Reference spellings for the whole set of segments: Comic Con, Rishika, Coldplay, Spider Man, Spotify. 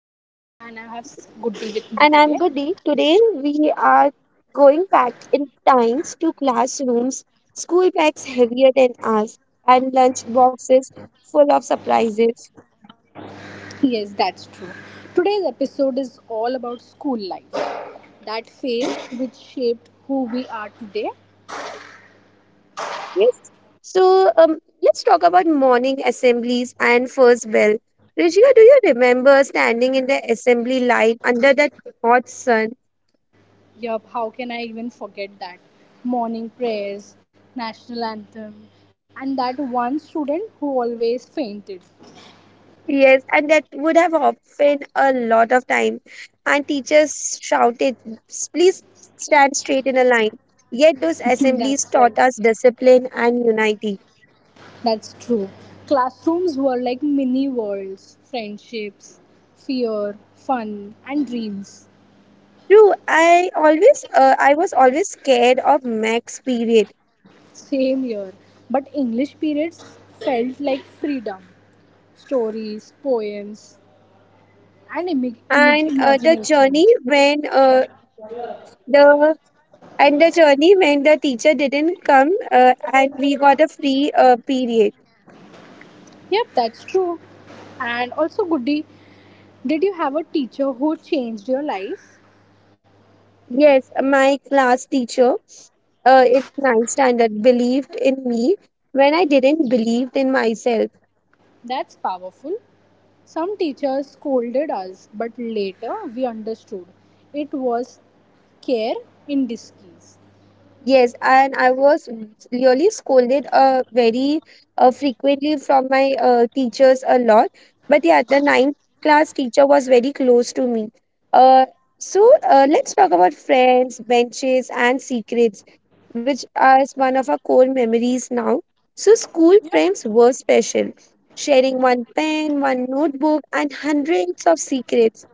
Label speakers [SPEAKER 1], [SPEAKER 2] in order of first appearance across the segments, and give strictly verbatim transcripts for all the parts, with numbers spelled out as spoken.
[SPEAKER 1] I'm Rishika and I have Goody with me
[SPEAKER 2] And I'm
[SPEAKER 1] today.
[SPEAKER 2] Goody. Today we are going back in times to classrooms, school bags heavier than ours, and lunch boxes full of surprises.
[SPEAKER 1] Yes, that's true. Today's episode is all about school life that phase which shaped who we are today.
[SPEAKER 2] Yes. So um, let's talk about morning assemblies and first bell. Rishika, do you remember standing in the assembly line under that hot sun?
[SPEAKER 1] Yup, how can I even forget that? Morning prayers, national anthem, and that one student who always fainted.
[SPEAKER 2] Yes, and that would have often a lot of time. And teachers shouted, "S- please stand straight in a line." Yet those assemblies
[SPEAKER 1] that's right.
[SPEAKER 2] taught us discipline and unity.
[SPEAKER 1] That's true. Classrooms were like mini worlds, friendships, fear, fun, and dreams.
[SPEAKER 2] True, I always, uh, I was always scared of max period.
[SPEAKER 1] Same year. But English periods felt like freedom. Stories, poems, and imig- image
[SPEAKER 2] And uh, the journey
[SPEAKER 1] imaginations.
[SPEAKER 2] when uh, the and the journey when the teacher didn't come uh, and we got a free uh, period.
[SPEAKER 1] Yep, that's true. And also, Goody, did you have a teacher who changed your life?
[SPEAKER 2] Yes, my class teacher, uh, in ninth standard, believed in me when I didn't believe in myself.
[SPEAKER 1] That's powerful. Some teachers scolded us, but later we understood. It was care in disguise.
[SPEAKER 2] Yes, and I was really scolded uh, very uh, frequently from my uh, teachers a lot. But yeah, the ninth class teacher was very close to me. Uh, so uh, let's talk about friends, benches, and secrets, which is one of our core memories now. So school friends
[SPEAKER 1] Yep.
[SPEAKER 2] were special, sharing one pen, one notebook, and hundreds of secrets.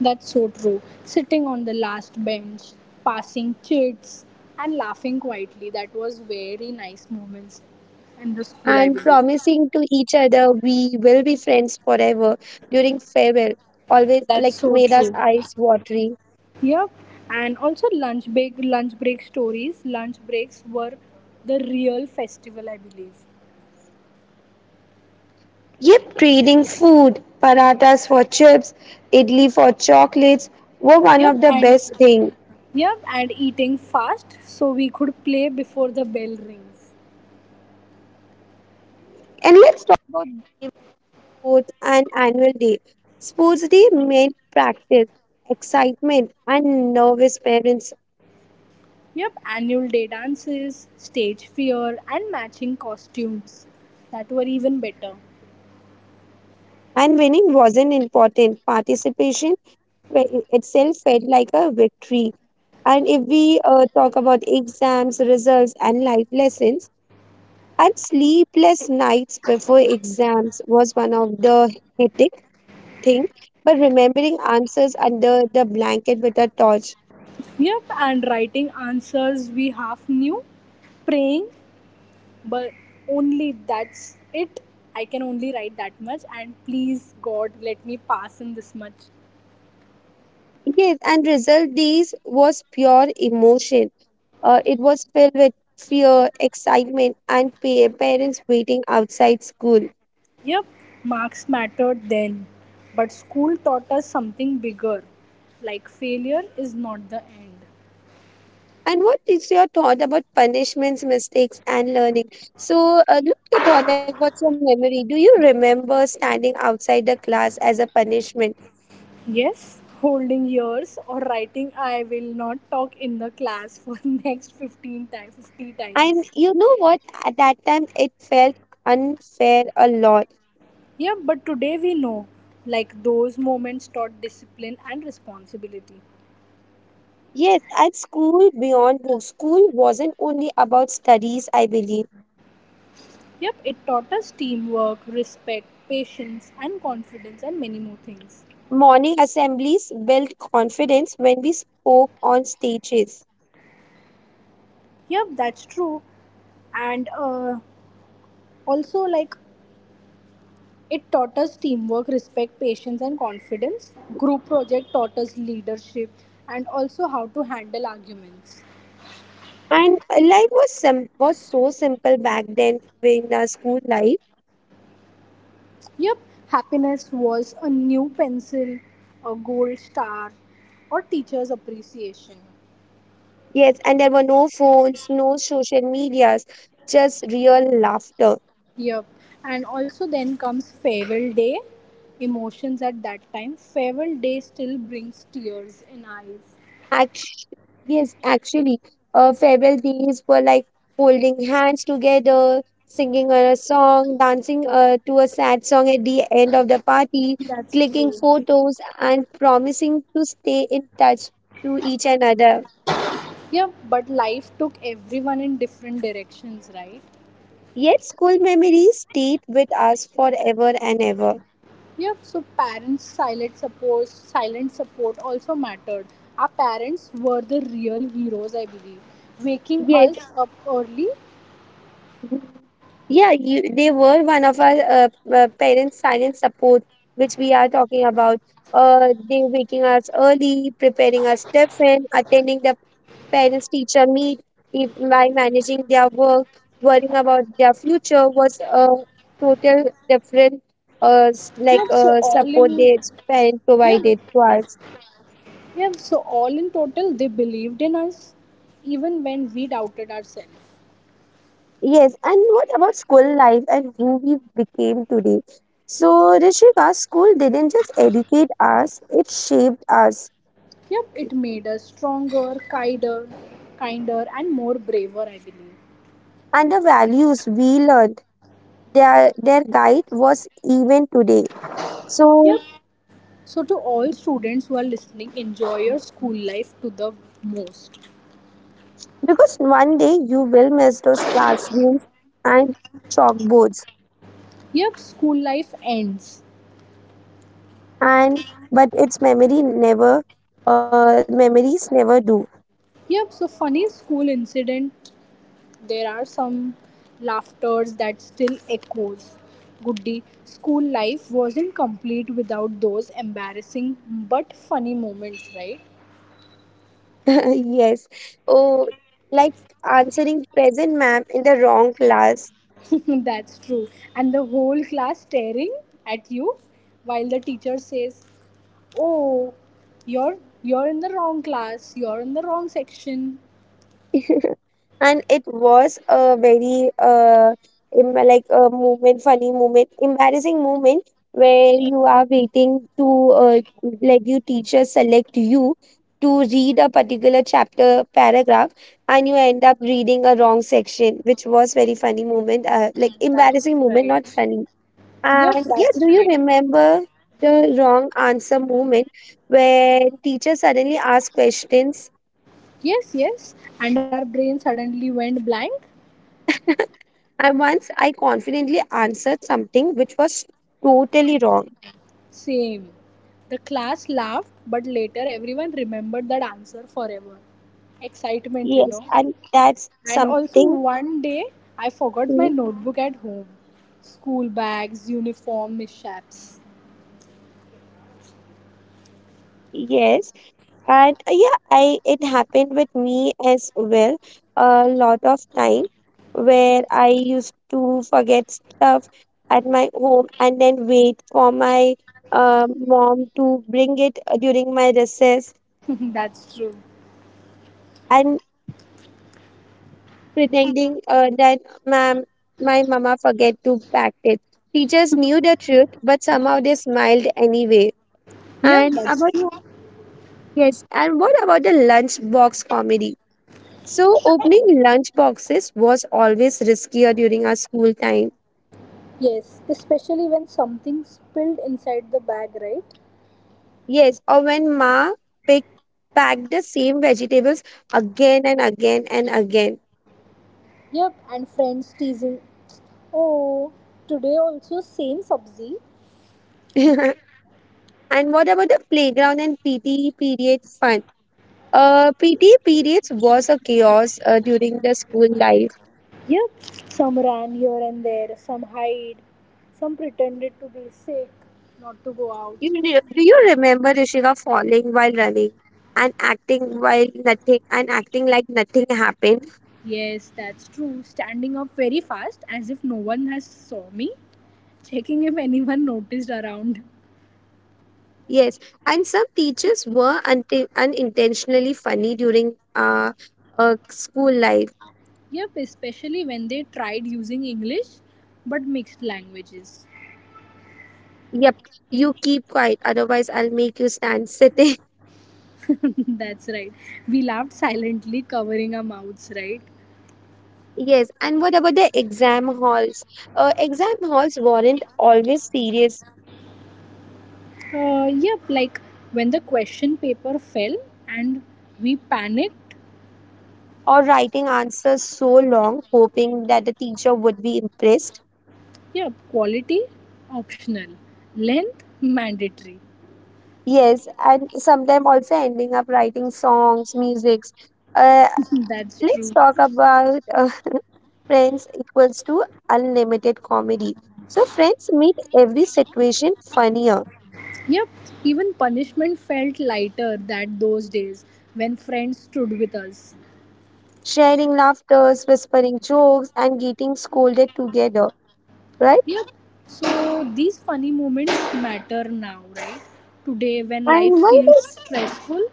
[SPEAKER 1] That's so true. Sitting on the last bench, passing chits, and laughing quietly. That was very nice moments in the school, I
[SPEAKER 2] And
[SPEAKER 1] believe.
[SPEAKER 2] promising to each other we will be friends forever during farewell
[SPEAKER 1] That's
[SPEAKER 2] always
[SPEAKER 1] so
[SPEAKER 2] like
[SPEAKER 1] true.
[SPEAKER 2] made us eyes watery.
[SPEAKER 1] Yep. And also lunch break, lunch break stories. Lunch breaks were the real festival, I believe. Yep. And yep. And eating fast so we could play before the bell rings.
[SPEAKER 2] Sports day made practice, excitement, and nervous parents.
[SPEAKER 1] Yep. Annual day dances, stage fear, and matching costumes that were even better.
[SPEAKER 2] And winning wasn't important. Participation fe- itself felt like a victory. And if we uh, talk about exams, results, and life lessons, and sleepless nights before exams was one of the hectic things. But remembering answers under the blanket with a torch.
[SPEAKER 1] Yep, and writing answers we half knew, praying, but only that's it. I can only write that much, and please God, let me pass in this much.
[SPEAKER 2] Yes, and result these was pure emotion. Uh, it was filled with fear, excitement, and pa- parents waiting outside school.
[SPEAKER 1] Yep, marks mattered then, but school taught us something bigger like failure is not the end.
[SPEAKER 2] And what is your thought about punishments, mistakes, and learning? So, uh, look your thought like what's your memory? Do you remember standing outside the class as a punishment?
[SPEAKER 1] Yes, holding yours or writing I will not talk in the class for next fifteen times, fifty
[SPEAKER 2] And
[SPEAKER 1] times.
[SPEAKER 2] you know what? At that time, it felt unfair a lot.
[SPEAKER 1] Yeah, but today we know, like those moments taught discipline and responsibility.
[SPEAKER 2] Yes, at school beyond books, school wasn't only about studies, I believe.
[SPEAKER 1] Yep, it taught us teamwork, respect, patience, and confidence, and many more things.
[SPEAKER 2] Morning assemblies built confidence when we spoke on stages.
[SPEAKER 1] Yep, that's true. And uh, also, like, it taught us teamwork, respect, patience, and confidence. Group project taught us leadership and also how to handle arguments.
[SPEAKER 2] And life was sim- was so simple back then in the school life.
[SPEAKER 1] Yep, happiness was a new pencil, a gold star, or teacher's appreciation.
[SPEAKER 2] Yes, and there were no phones, no social medias, just real laughter.
[SPEAKER 1] Yep. And also then comes farewell day. Emotions at that time. Farewell day still brings tears in eyes.
[SPEAKER 2] Actually, yes, actually, uh, farewell days were like holding hands together, singing a song, dancing uh, to a sad song at the end of the party,
[SPEAKER 1] That's
[SPEAKER 2] clicking
[SPEAKER 1] true.
[SPEAKER 2] photos, and promising to stay in touch to each another.
[SPEAKER 1] Yep, but life took everyone in different directions, right?
[SPEAKER 2] Yet, school memories stayed with us forever and ever.
[SPEAKER 1] Yep, so parents' silent support, silent support also mattered. Our parents were the real heroes, I believe, waking
[SPEAKER 2] Yes.
[SPEAKER 1] us up early.
[SPEAKER 2] Yeah, you, they were one of our uh, uh, parents' silent support, which we are talking about. Uh, they waking us early, preparing us tiffin, attending the parents teacher meet if, by managing their work, worrying about their future was a total different uh, s-
[SPEAKER 1] Yep, so
[SPEAKER 2] like
[SPEAKER 1] all
[SPEAKER 2] uh,
[SPEAKER 1] in,
[SPEAKER 2] support their parent
[SPEAKER 1] yep,
[SPEAKER 2] provided to us.
[SPEAKER 1] yeah, so all in total, they believed in us even when we doubted ourselves.
[SPEAKER 2] Yes, and what about school life and who we became today? So, Rishika, school didn't just educate us, it shaped us.
[SPEAKER 1] Yep, it made us stronger, kinder, kinder, and more braver, I believe.
[SPEAKER 2] And the values we learned, their, their guide was even today. So,
[SPEAKER 1] Yep. So, to all students who are listening, enjoy your school life to the most.
[SPEAKER 2] because one day you will miss those classrooms and chalkboards,
[SPEAKER 1] Yep, school life ends.
[SPEAKER 2] and but its memory never, uh, memories never do.
[SPEAKER 1] Yep, so funny school incident There are some laughters that still echoes. Goody, school life wasn't complete without those embarrassing but funny moments, right?
[SPEAKER 2] Yes. Oh, like answering present ma'am in the wrong class.
[SPEAKER 1] That's true. And the whole class staring at you while the teacher says, "Oh, you're you're in the wrong class. You're in the wrong section."
[SPEAKER 2] And it was a very uh, em- like a moment funny moment, embarrassing moment, where you are waiting to uh, like you teacher select you to read a particular chapter paragraph and you end up reading a wrong section, which was very funny moment uh, like
[SPEAKER 1] That's
[SPEAKER 2] embarrassing moment, not
[SPEAKER 1] right.
[SPEAKER 2] funny.
[SPEAKER 1] Yep,
[SPEAKER 2] And yeah,
[SPEAKER 1] that's
[SPEAKER 2] do you
[SPEAKER 1] right.
[SPEAKER 2] remember the wrong answer moment when teacher suddenly asked questions?
[SPEAKER 1] Yes, yes. And our brain suddenly went blank.
[SPEAKER 2] I once I confidently answered something which was totally wrong.
[SPEAKER 1] Same. The class laughed, but later everyone remembered that answer forever. Excitement, you
[SPEAKER 2] Yes,
[SPEAKER 1] know.
[SPEAKER 2] and that's
[SPEAKER 1] And also,
[SPEAKER 2] something.
[SPEAKER 1] one day I forgot my
[SPEAKER 2] Mm.
[SPEAKER 1] notebook at home. School bags, uniform, mishaps.
[SPEAKER 2] Yes, and uh, yeah, I it happened with me as well a lot of time where I used to forget stuff at my home and then wait for my uh, mom to bring it uh, during my recess.
[SPEAKER 1] That's true.
[SPEAKER 2] And pretending uh, that ma'am, my mama forget to pack it. Teachers knew the truth, but somehow they smiled anyway.
[SPEAKER 1] Yeah,
[SPEAKER 2] And
[SPEAKER 1] that's
[SPEAKER 2] about
[SPEAKER 1] true.
[SPEAKER 2] yes, and what about the lunchbox comedy? So opening lunch boxes was always riskier during our school time.
[SPEAKER 1] Yes, especially when something spilled inside the bag, right?
[SPEAKER 2] Yes, or when ma picked packed the same vegetables again and again and again.
[SPEAKER 1] Yep. And friends teasing, oh, today also same sabzi.
[SPEAKER 2] And what about the playground and P T period fun? Uh, P T periods was a chaos uh, during the school life.
[SPEAKER 1] Yep, some ran here and there, some hide, some pretended to be sick, not to go out.
[SPEAKER 2] You, re- do you remember Rishika falling while running and acting while nothing and acting like nothing happened?
[SPEAKER 1] Yes, that's true. Standing up very fast as if no one has saw me, checking if anyone noticed around.
[SPEAKER 2] Yes, and some teachers were unti- unintentionally funny during uh, uh school life.
[SPEAKER 1] Yep, especially when they tried using English but mixed languages.
[SPEAKER 2] Yep, you keep quiet, otherwise I'll make you stand sitting.
[SPEAKER 1] that's right. We laughed silently covering our mouths, right?
[SPEAKER 2] Yes, and what about the exam halls? Uh, exam halls weren't always serious,
[SPEAKER 1] Uh, yep, like when the question paper fell and we panicked
[SPEAKER 2] or writing answers so long, hoping that the teacher would be impressed.
[SPEAKER 1] Yep, quality optional, length mandatory.
[SPEAKER 2] Yes, and sometimes also ending up writing songs, musics. Uh,
[SPEAKER 1] That's
[SPEAKER 2] let's
[SPEAKER 1] true.
[SPEAKER 2] talk about, uh, friends equals to unlimited comedy. So friends make every situation funnier,
[SPEAKER 1] Yep, even punishment felt lighter that those days when friends stood with us.
[SPEAKER 2] sharing laughters, whispering jokes, and getting scolded together, right?
[SPEAKER 1] Yep. So these funny moments matter now, right? Today when life
[SPEAKER 2] And why
[SPEAKER 1] feels
[SPEAKER 2] this?
[SPEAKER 1] stressful.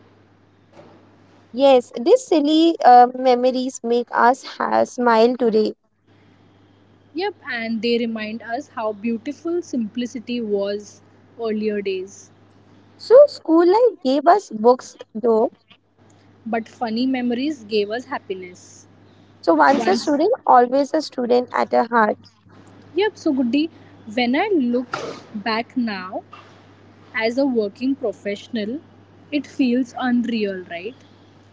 [SPEAKER 2] Yes, these silly uh, memories make us ha- smile today.
[SPEAKER 1] Yep, and they remind us how beautiful simplicity was earlier days.
[SPEAKER 2] So school life gave us books though.
[SPEAKER 1] But funny memories gave us happiness.
[SPEAKER 2] So once a
[SPEAKER 1] Once
[SPEAKER 2] student, always a student at a heart.
[SPEAKER 1] Yep, so Goody, when I look back now as a working professional, it feels unreal, right?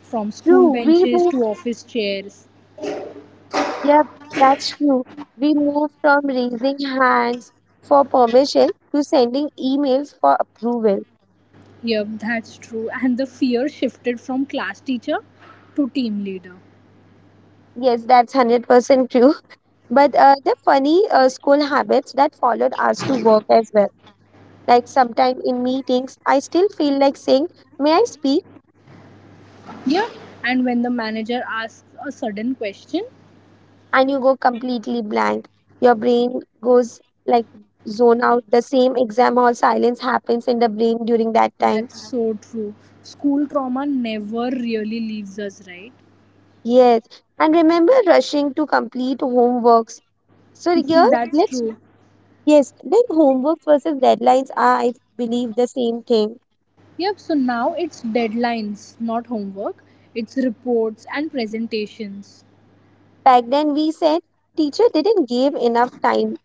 [SPEAKER 1] From school
[SPEAKER 2] True, we
[SPEAKER 1] benches to
[SPEAKER 2] moved.
[SPEAKER 1] office chairs.
[SPEAKER 2] Yep, that's true. We moved from raising hands for permission to sending emails for approval.
[SPEAKER 1] Yep, that's true. And the fear shifted from class teacher to team leader.
[SPEAKER 2] Yes, that's one hundred percent true. But uh, the funny uh, school habits that followed us to work as well. Like sometime in meetings, I still feel like saying, "May I speak?"
[SPEAKER 1] Yeah, and when the manager asks a sudden question,
[SPEAKER 2] And you go completely blank. Your brain goes like zone out. The same exam hall silence happens in the brain during that time.
[SPEAKER 1] that's so true. School trauma never really leaves us, right?
[SPEAKER 2] Yes. And remember rushing to complete homeworks. So here
[SPEAKER 1] That's
[SPEAKER 2] let's,
[SPEAKER 1] true.
[SPEAKER 2] yes, then homework versus deadlines are I believe the same thing.
[SPEAKER 1] Yep, so now it's deadlines, not homework. It's reports and presentations.
[SPEAKER 2] Back then we said teacher didn't give enough time.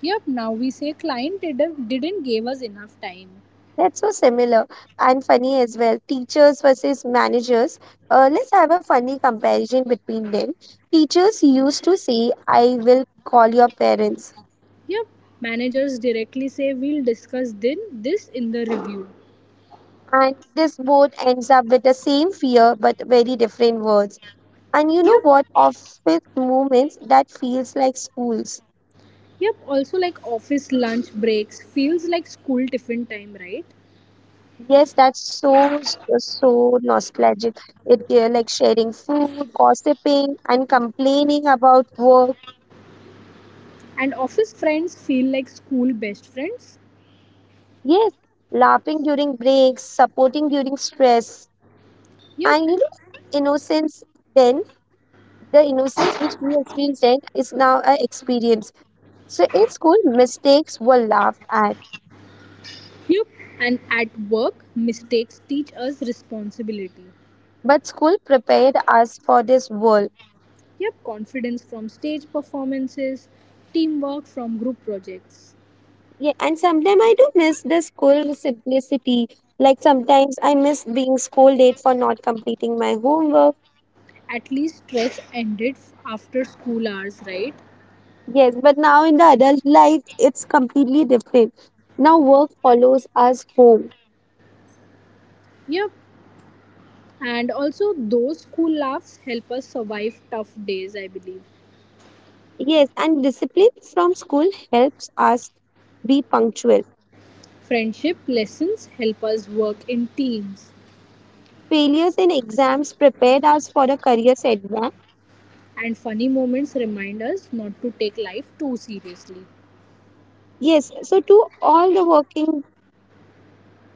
[SPEAKER 1] Yep, now we say client did, didn't give us enough time.
[SPEAKER 2] That's so similar and funny as well. Teachers versus managers. Uh, let's have a funny comparison between them. Teachers used to say, "I will call your parents."
[SPEAKER 1] Yep, managers directly say we'll discuss then this in the review.
[SPEAKER 2] And this both ends up with the same fear but very different words. And you know
[SPEAKER 1] Yep,
[SPEAKER 2] what? Office moments that feels like schools.
[SPEAKER 1] yep, also like office lunch breaks feels like school tiffin time, right?
[SPEAKER 2] Yes, that's so so nostalgic. It uh, like sharing food, gossiping, and complaining about work.
[SPEAKER 1] And office friends feel like school best friends.
[SPEAKER 2] Yes, laughing during breaks, supporting during stress,
[SPEAKER 1] Yep,
[SPEAKER 2] and you know, innocence. Then the innocence which we experienced then is now a experience. So in school, mistakes were laughed at,
[SPEAKER 1] yep, and at work, mistakes teach us responsibility.
[SPEAKER 2] but school prepared us for this world.
[SPEAKER 1] Yep, confidence from stage performances, teamwork from group projects.
[SPEAKER 2] Yeah, and sometimes I do miss the school simplicity. Like sometimes I miss being scolded for not completing my homework.
[SPEAKER 1] At least stress ended f- after school hours, right?
[SPEAKER 2] Yes, but now in the adult life, it's completely different. Now work follows us home.
[SPEAKER 1] Yep, and also those school laughs help us survive tough days, I believe.
[SPEAKER 2] Yes, and discipline from school helps us be punctual.
[SPEAKER 1] Friendship lessons help us work in teams,
[SPEAKER 2] Failures in exams prepared us for a career setback.
[SPEAKER 1] and funny moments remind us not to take life too seriously.
[SPEAKER 2] Yes, so to all the working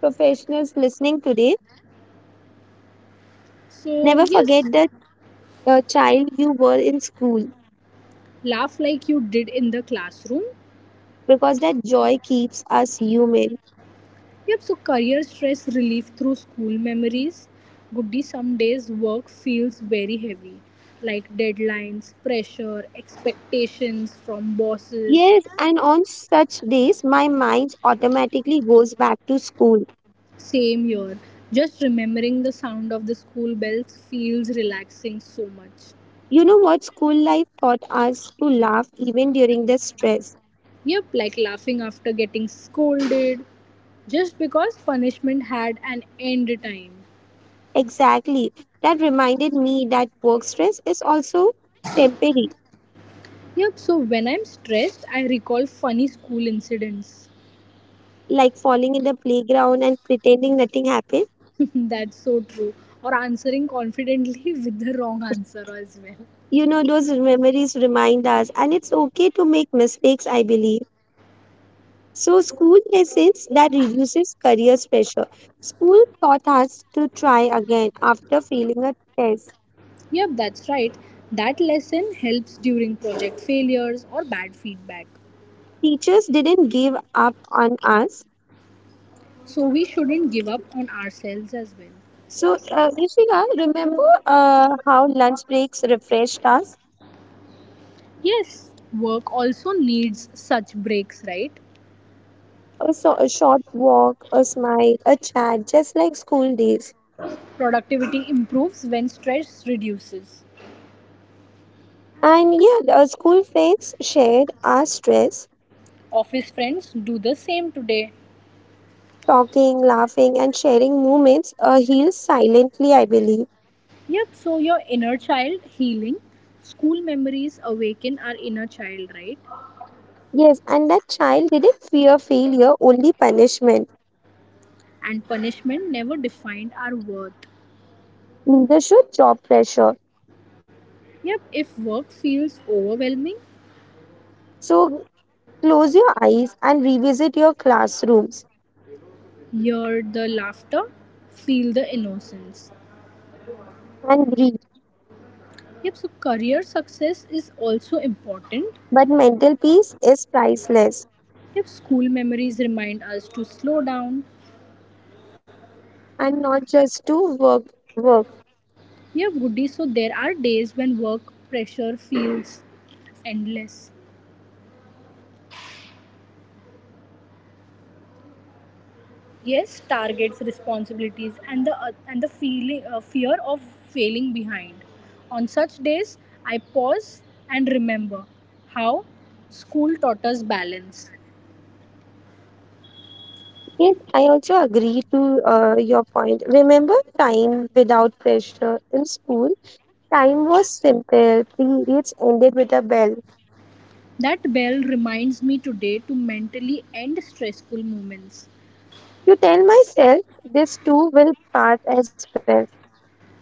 [SPEAKER 2] professionals listening today,
[SPEAKER 1] So,
[SPEAKER 2] never forget
[SPEAKER 1] yes,
[SPEAKER 2] that uh, child you were in school,
[SPEAKER 1] laugh like you did in the classroom
[SPEAKER 2] because that joy keeps us human.
[SPEAKER 1] Yep, so career stress relief through school memories. Goody, some days work feels very heavy, like deadlines, pressure, expectations from bosses.
[SPEAKER 2] Yes, and on such days, my mind automatically goes back to school.
[SPEAKER 1] Same here. Just remembering the sound of the school bells feels relaxing so much.
[SPEAKER 2] You know what? School life taught us to laugh even during the stress.
[SPEAKER 1] Yep, like laughing after getting scolded, just because punishment had an end time.
[SPEAKER 2] Exactly. That reminded me that work stress is also temporary,
[SPEAKER 1] Yep, so when I'm stressed, I recall funny school incidents
[SPEAKER 2] like falling in the playground and pretending nothing happened.
[SPEAKER 1] that's so true. Or answering confidently with the wrong answer as well.
[SPEAKER 2] You know, those memories remind us, and it's okay to make mistakes, I believe. So, school lessons that reduces career pressure. School taught us to try again after failing a test.
[SPEAKER 1] Yep, that's right. That lesson helps during project failures or bad feedback.
[SPEAKER 2] Teachers didn't give up on us.
[SPEAKER 1] So we shouldn't give up on ourselves as well.
[SPEAKER 2] So, uh, Rishika, remember uh, how lunch breaks refreshed us?
[SPEAKER 1] Yes, work also needs such breaks, right?
[SPEAKER 2] A, so, a short walk, a smile, a chat, just like school days.
[SPEAKER 1] Productivity improves when stress reduces.
[SPEAKER 2] And yeah, our school friends shared our stress,
[SPEAKER 1] Office friends do the same today.
[SPEAKER 2] talking, laughing, and sharing moments uh, heals silently, I believe.
[SPEAKER 1] Yep, so your inner child healing, school memories awaken our inner child, right?
[SPEAKER 2] Yes, and that child didn't fear failure, only punishment.
[SPEAKER 1] And punishment never defined our worth.
[SPEAKER 2] Neither should job pressure.
[SPEAKER 1] Yep, if work feels overwhelming,
[SPEAKER 2] So close your eyes and revisit your classrooms
[SPEAKER 1] hear the laughter, feel the innocence.
[SPEAKER 2] and breathe.
[SPEAKER 1] Yep, so career success is also important.
[SPEAKER 2] But mental peace is priceless,
[SPEAKER 1] Yep, school memories remind us to slow down.
[SPEAKER 2] and not just to work work.
[SPEAKER 1] Yep, Woody, so there are days when work pressure feels endless. Yes, targets, responsibilities, and the uh, and the feeling uh, fear of failing behind. On such days, I pause and remember how school taught us balance.
[SPEAKER 2] Yes, I also agree to uh, your point. Remember time without pressure in school? Time was simple. Periods ended with a bell.
[SPEAKER 1] That bell reminds me today to mentally end stressful moments.
[SPEAKER 2] You tell myself this too will pass as well.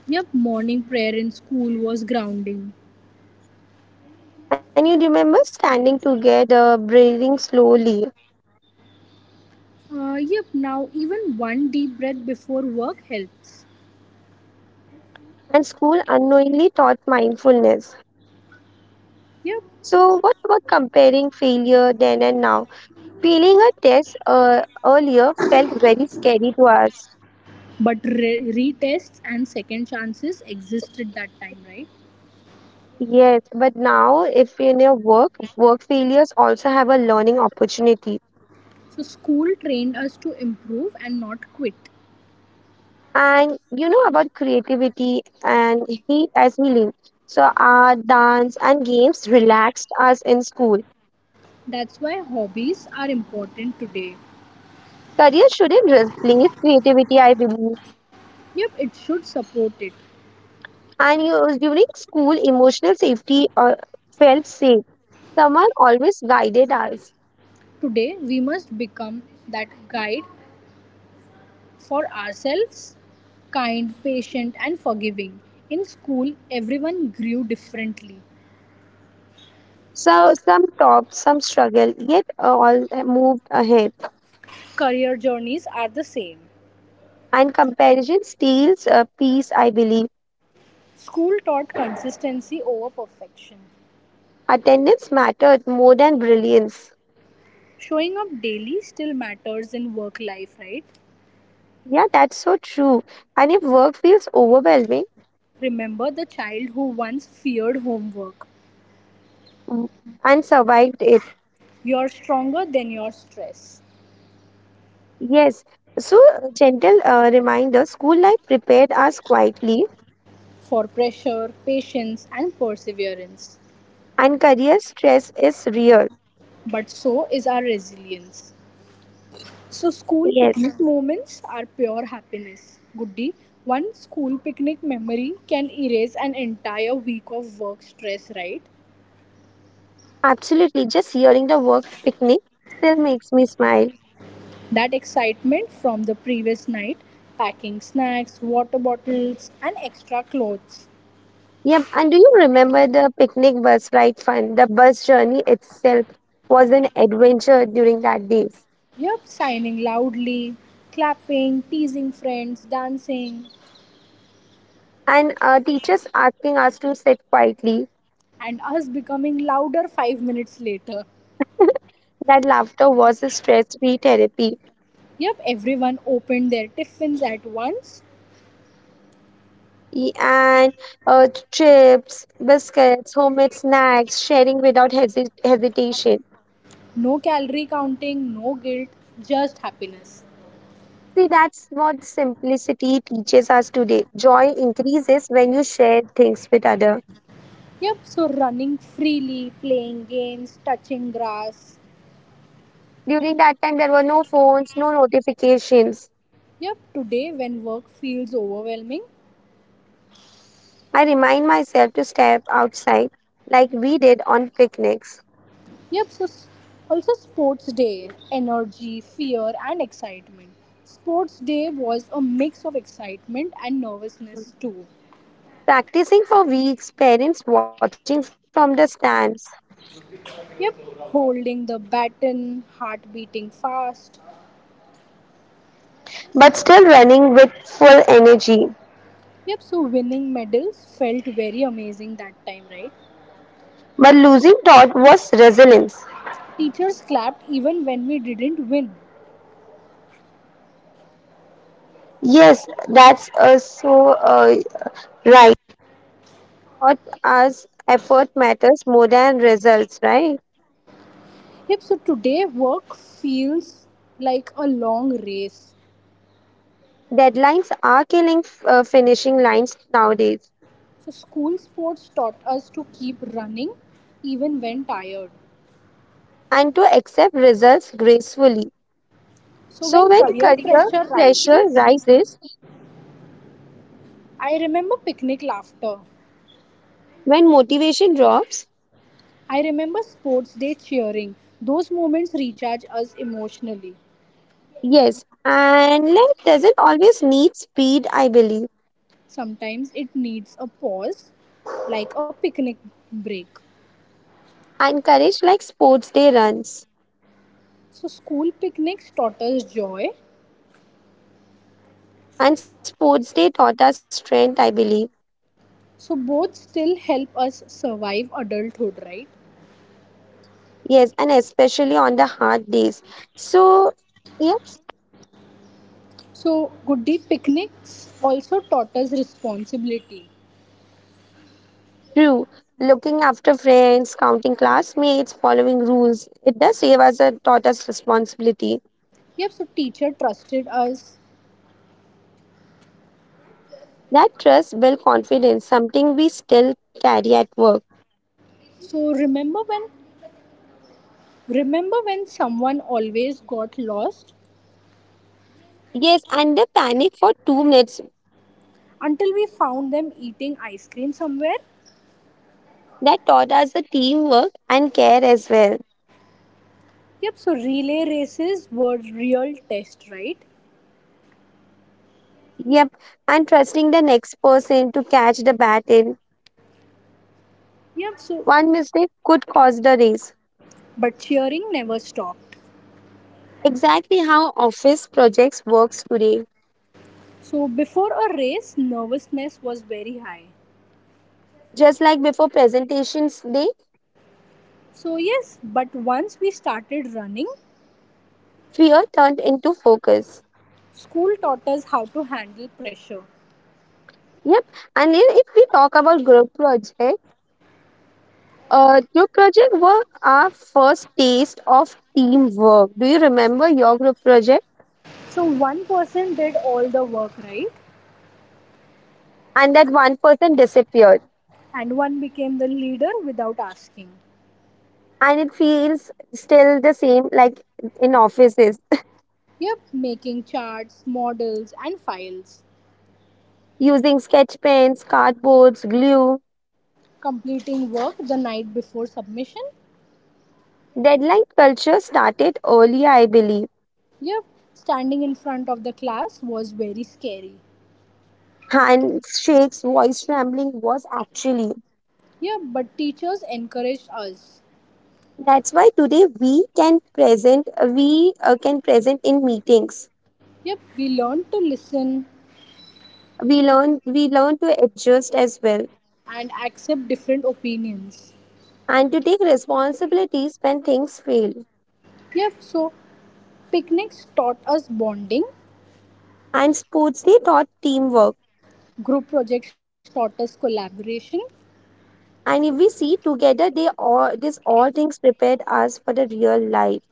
[SPEAKER 1] Yep, morning prayer in school was grounding.
[SPEAKER 2] And you remember standing together, breathing slowly.
[SPEAKER 1] Uh, yep, now even one deep breath before work helps.
[SPEAKER 2] And school unknowingly taught mindfulness.
[SPEAKER 1] Yep,
[SPEAKER 2] So what about comparing failure then and now? Feeling a test uh, earlier felt very scary to us.
[SPEAKER 1] but re- retests and second chances existed that time, right?
[SPEAKER 2] Yes, but now if in your work, work failures also have a learning opportunity.
[SPEAKER 1] So school trained us to improve and not quit.
[SPEAKER 2] And you know about creativity and he as healing. So art, dance, and games relaxed us in school.
[SPEAKER 1] That's why hobbies are important today.
[SPEAKER 2] Career shouldn't replace creativity, I believe.
[SPEAKER 1] Yep, it should support it.
[SPEAKER 2] And you, during school, emotional safety uh, felt safe. Someone always guided us.
[SPEAKER 1] Today we must become that guide for ourselves, kind, patient and forgiving. In school everyone grew differently.
[SPEAKER 2] So some topped, some struggled, yet uh, all uh, moved ahead.
[SPEAKER 1] Career journeys are the same.
[SPEAKER 2] And comparison steals uh, peace, I believe.
[SPEAKER 1] School taught consistency over perfection.
[SPEAKER 2] Attendance mattered more than brilliance.
[SPEAKER 1] Showing up daily still matters in work life, right?
[SPEAKER 2] Yeah, that's so true. And if work feels overwhelming,
[SPEAKER 1] Remember the child who once feared homework
[SPEAKER 2] mm, and survived it,
[SPEAKER 1] You're stronger than your stress,
[SPEAKER 2] yes. So, uh, gentle uh, reminder, school life prepared us quietly,
[SPEAKER 1] for pressure, patience, and perseverance.
[SPEAKER 2] and career stress is real.
[SPEAKER 1] But so is our resilience. So, school
[SPEAKER 2] Yes,
[SPEAKER 1] picnic moments are pure happiness. Goody, one school picnic memory can erase an entire week of work stress, right?
[SPEAKER 2] absolutely. Just hearing the work picnic still makes me smile.
[SPEAKER 1] That excitement from the previous night, packing snacks, water bottles, and extra clothes.
[SPEAKER 2] Yep. And do you remember the picnic bus ride fun? The bus journey itself was an adventure during that day.
[SPEAKER 1] Yep, signing loudly, clapping, teasing friends, dancing.
[SPEAKER 2] And uh, teachers asking us to sit quietly.
[SPEAKER 1] And us becoming louder five minutes later.
[SPEAKER 2] That laughter was a stress free therapy.
[SPEAKER 1] Yep, everyone opened their tiffins at once.
[SPEAKER 2] E- And uh, chips, biscuits, homemade snacks, sharing without hesi- hesitation.
[SPEAKER 1] No calorie counting, no guilt, just happiness.
[SPEAKER 2] See, that's what simplicity teaches us today. Joy increases when you share things with others.
[SPEAKER 1] Yep, so running freely, playing games, touching grass.
[SPEAKER 2] During that time, there were no phones, no notifications.
[SPEAKER 1] Yep, today when work feels overwhelming.
[SPEAKER 2] I remind myself to step outside like we did on picnics.
[SPEAKER 1] Yep, so also sports day, energy, fear, and excitement. Sports day was a mix of excitement and nervousness too.
[SPEAKER 2] Practicing for weeks, parents
[SPEAKER 1] Yep, holding the baton, heart beating fast. Yep, so winning medals felt very amazing that time, right? Teachers clapped even when we didn't win.
[SPEAKER 2] right?
[SPEAKER 1] Yep, so today work feels like a long race.
[SPEAKER 2] Deadlines are killing f- uh, finishing lines nowadays,
[SPEAKER 1] So school sports taught us to keep running even when tired.
[SPEAKER 2] and to accept results gracefully.
[SPEAKER 1] So
[SPEAKER 2] So,
[SPEAKER 1] when
[SPEAKER 2] when
[SPEAKER 1] career
[SPEAKER 2] career
[SPEAKER 1] pressure
[SPEAKER 2] pressure
[SPEAKER 1] rises,
[SPEAKER 2] rises,
[SPEAKER 1] I remember picnic laughter.
[SPEAKER 2] when motivation drops,
[SPEAKER 1] I remember sports day cheering. Those moments recharge us emotionally.
[SPEAKER 2] yes, and life doesn't always need speed, I believe,
[SPEAKER 1] Sometimes it needs a pause, like a picnic break.
[SPEAKER 2] and courage like sports day runs.
[SPEAKER 1] So, school picnics taught us joy.
[SPEAKER 2] And sports day taught us strength, I believe.
[SPEAKER 1] So, both still help us survive adulthood, right?
[SPEAKER 2] Yes, and especially on the hard days. So, yeah.
[SPEAKER 1] So, good picnics also taught us responsibility.
[SPEAKER 2] True, looking after friends, counting classmates, following rules, it does save us a taught us responsibility.
[SPEAKER 1] Yep, so teacher trusted us.
[SPEAKER 2] That trust built confidence, something we still carry at work.
[SPEAKER 1] So, remember when remember when someone always got lost
[SPEAKER 2] Yes, and the panic for two minutes
[SPEAKER 1] until we found them eating ice cream somewhere?
[SPEAKER 2] that taught us the teamwork and care as well.
[SPEAKER 1] Yep, so relay races were real test, right?
[SPEAKER 2] Yep, and trusting the next person to catch the baton.
[SPEAKER 1] Yep, so
[SPEAKER 2] One mistake could cause the race.
[SPEAKER 1] But cheering never stopped.
[SPEAKER 2] Exactly how office projects works today.
[SPEAKER 1] So before a race, nervousness was very high.
[SPEAKER 2] Just like before presentations day,
[SPEAKER 1] So yes, but once we started running,
[SPEAKER 2] fear turned into focus.
[SPEAKER 1] school taught us how to handle pressure.
[SPEAKER 2] Yep. And then if we talk about group project, uh, group project were our first taste of teamwork. Do you remember your group project?
[SPEAKER 1] So one person did all the work, right?
[SPEAKER 2] And that one person disappeared.
[SPEAKER 1] And one became the leader without asking.
[SPEAKER 2] And it feels still the same like in offices,
[SPEAKER 1] Yep, making charts, models, and files.
[SPEAKER 2] using sketch pens, cardboards, glue.
[SPEAKER 1] Completing work the night before submission.
[SPEAKER 2] Deadline culture started early, I believe.
[SPEAKER 1] Yep, standing in front of the class was very scary.
[SPEAKER 2] Handshakes, voice trembling was actually.
[SPEAKER 1] Yep, but teachers encouraged us.
[SPEAKER 2] That's why today we can present, we uh, can present in meetings.
[SPEAKER 1] Yep, we learn to listen
[SPEAKER 2] We learn we learn to adjust as well
[SPEAKER 1] and accept different opinions.
[SPEAKER 2] and to take responsibilities when things fail.
[SPEAKER 1] Yep, so picnics taught us bonding,
[SPEAKER 2] And sports they taught teamwork.
[SPEAKER 1] group projects taught us collaboration.
[SPEAKER 2] And if we see together, they all these all things prepared us for the real life.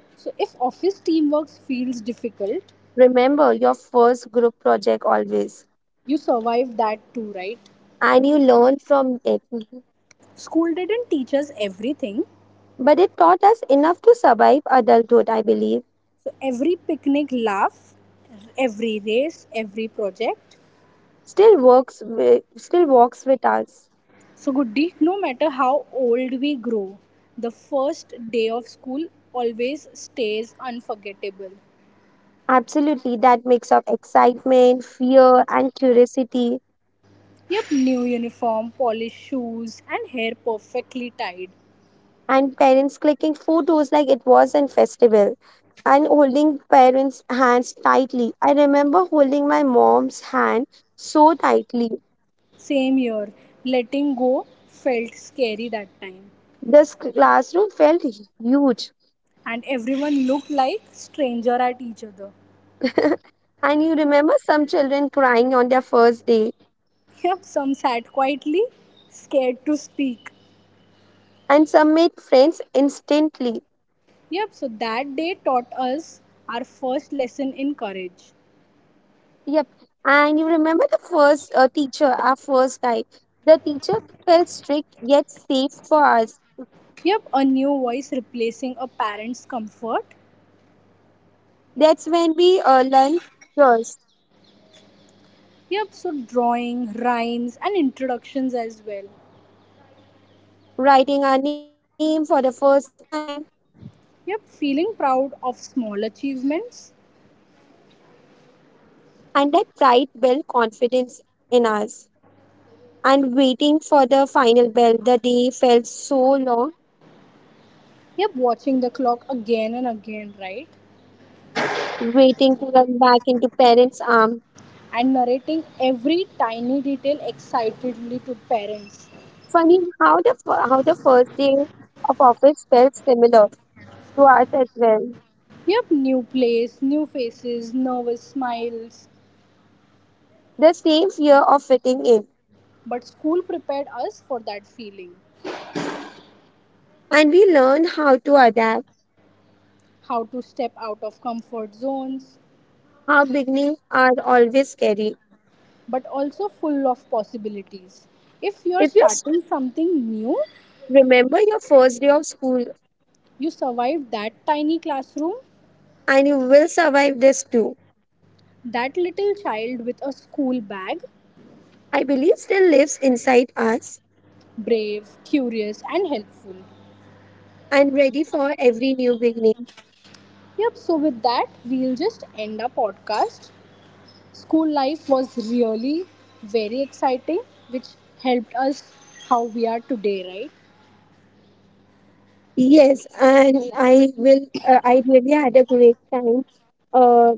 [SPEAKER 1] So if office teamwork feels difficult,
[SPEAKER 2] Remember your first group project always,
[SPEAKER 1] you survive that too, right?
[SPEAKER 2] and you learn from it. Mhm.
[SPEAKER 1] School didn't teach us everything.
[SPEAKER 2] But it taught us enough to survive adulthood, I believe.
[SPEAKER 1] So every picnic laugh, every race, every project.
[SPEAKER 2] Still works, wi- still works with us.
[SPEAKER 1] So good deed, no matter how old we grow, the first day of school always stays unforgettable.
[SPEAKER 2] Absolutely, that mix of excitement, fear, and curiosity
[SPEAKER 1] Yep, new uniform, polished shoes, and hair perfectly tied.
[SPEAKER 2] and parents clicking photos like it was a festival and holding parents' hands tightly. I remember holding my mom's hand so tightly.
[SPEAKER 1] Same year, letting go felt scary that time,
[SPEAKER 2] This classroom felt huge.
[SPEAKER 1] and everyone looked like stranger at each other.
[SPEAKER 2] And you remember some children crying on their first day,
[SPEAKER 1] Yep, some sat quietly, scared to speak.
[SPEAKER 2] and some made friends instantly.
[SPEAKER 1] Yep, so that day taught us our first lesson in courage.
[SPEAKER 2] Yep. And you remember the first uh, teacher, our first guy. The teacher felt strict yet safe for us.
[SPEAKER 1] Yep, a new voice replacing a parent's comfort.
[SPEAKER 2] That's when we uh, learned trust.
[SPEAKER 1] Yep, so drawing, rhymes, and introductions as well.
[SPEAKER 2] Writing our name for the first time,
[SPEAKER 1] Yep, feeling proud of small achievements.
[SPEAKER 2] and that pride built confidence in us. And waiting for the final bell, the day felt so long,
[SPEAKER 1] Yep, watching the clock again and again, right?
[SPEAKER 2] waiting to run.
[SPEAKER 1] And narrating every tiny detail excitedly to parents.
[SPEAKER 2] Funny how the fir- how the first day of office felt similar to us as well.
[SPEAKER 1] Yep, new place, new faces, nervous smiles.
[SPEAKER 2] The same fear of fitting in,
[SPEAKER 1] But school prepared us for that feeling.
[SPEAKER 2] and we learn how to adapt.
[SPEAKER 1] How to step out of comfort zones,
[SPEAKER 2] How beginnings are always scary.
[SPEAKER 1] but also full of possibilities. If you're
[SPEAKER 2] If you s-
[SPEAKER 1] starting something new,
[SPEAKER 2] Remember your first day of school,
[SPEAKER 1] you survived that tiny classroom,
[SPEAKER 2] and you will survive this too.
[SPEAKER 1] that little child with a school bag,
[SPEAKER 2] I believe still lives inside us
[SPEAKER 1] brave, curious, and helpful.
[SPEAKER 2] and ready for every new beginning.
[SPEAKER 1] Yep, so with that, we'll just end our podcast. School life was really very exciting, which helped us how we are today, right?
[SPEAKER 2] Yes, and I will. Uh, I really had a great time uh,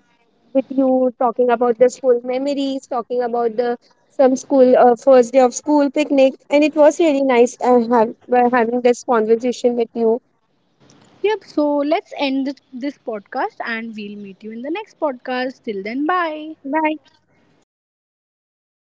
[SPEAKER 2] with you talking about the school memories, talking about the some school uh, first day of school picnic, and it was really nice uh, have, uh, having this conversation with you.
[SPEAKER 1] Yep, so let's end this this podcast and we'll meet you in the next podcast. Till then, bye.
[SPEAKER 2] Bye.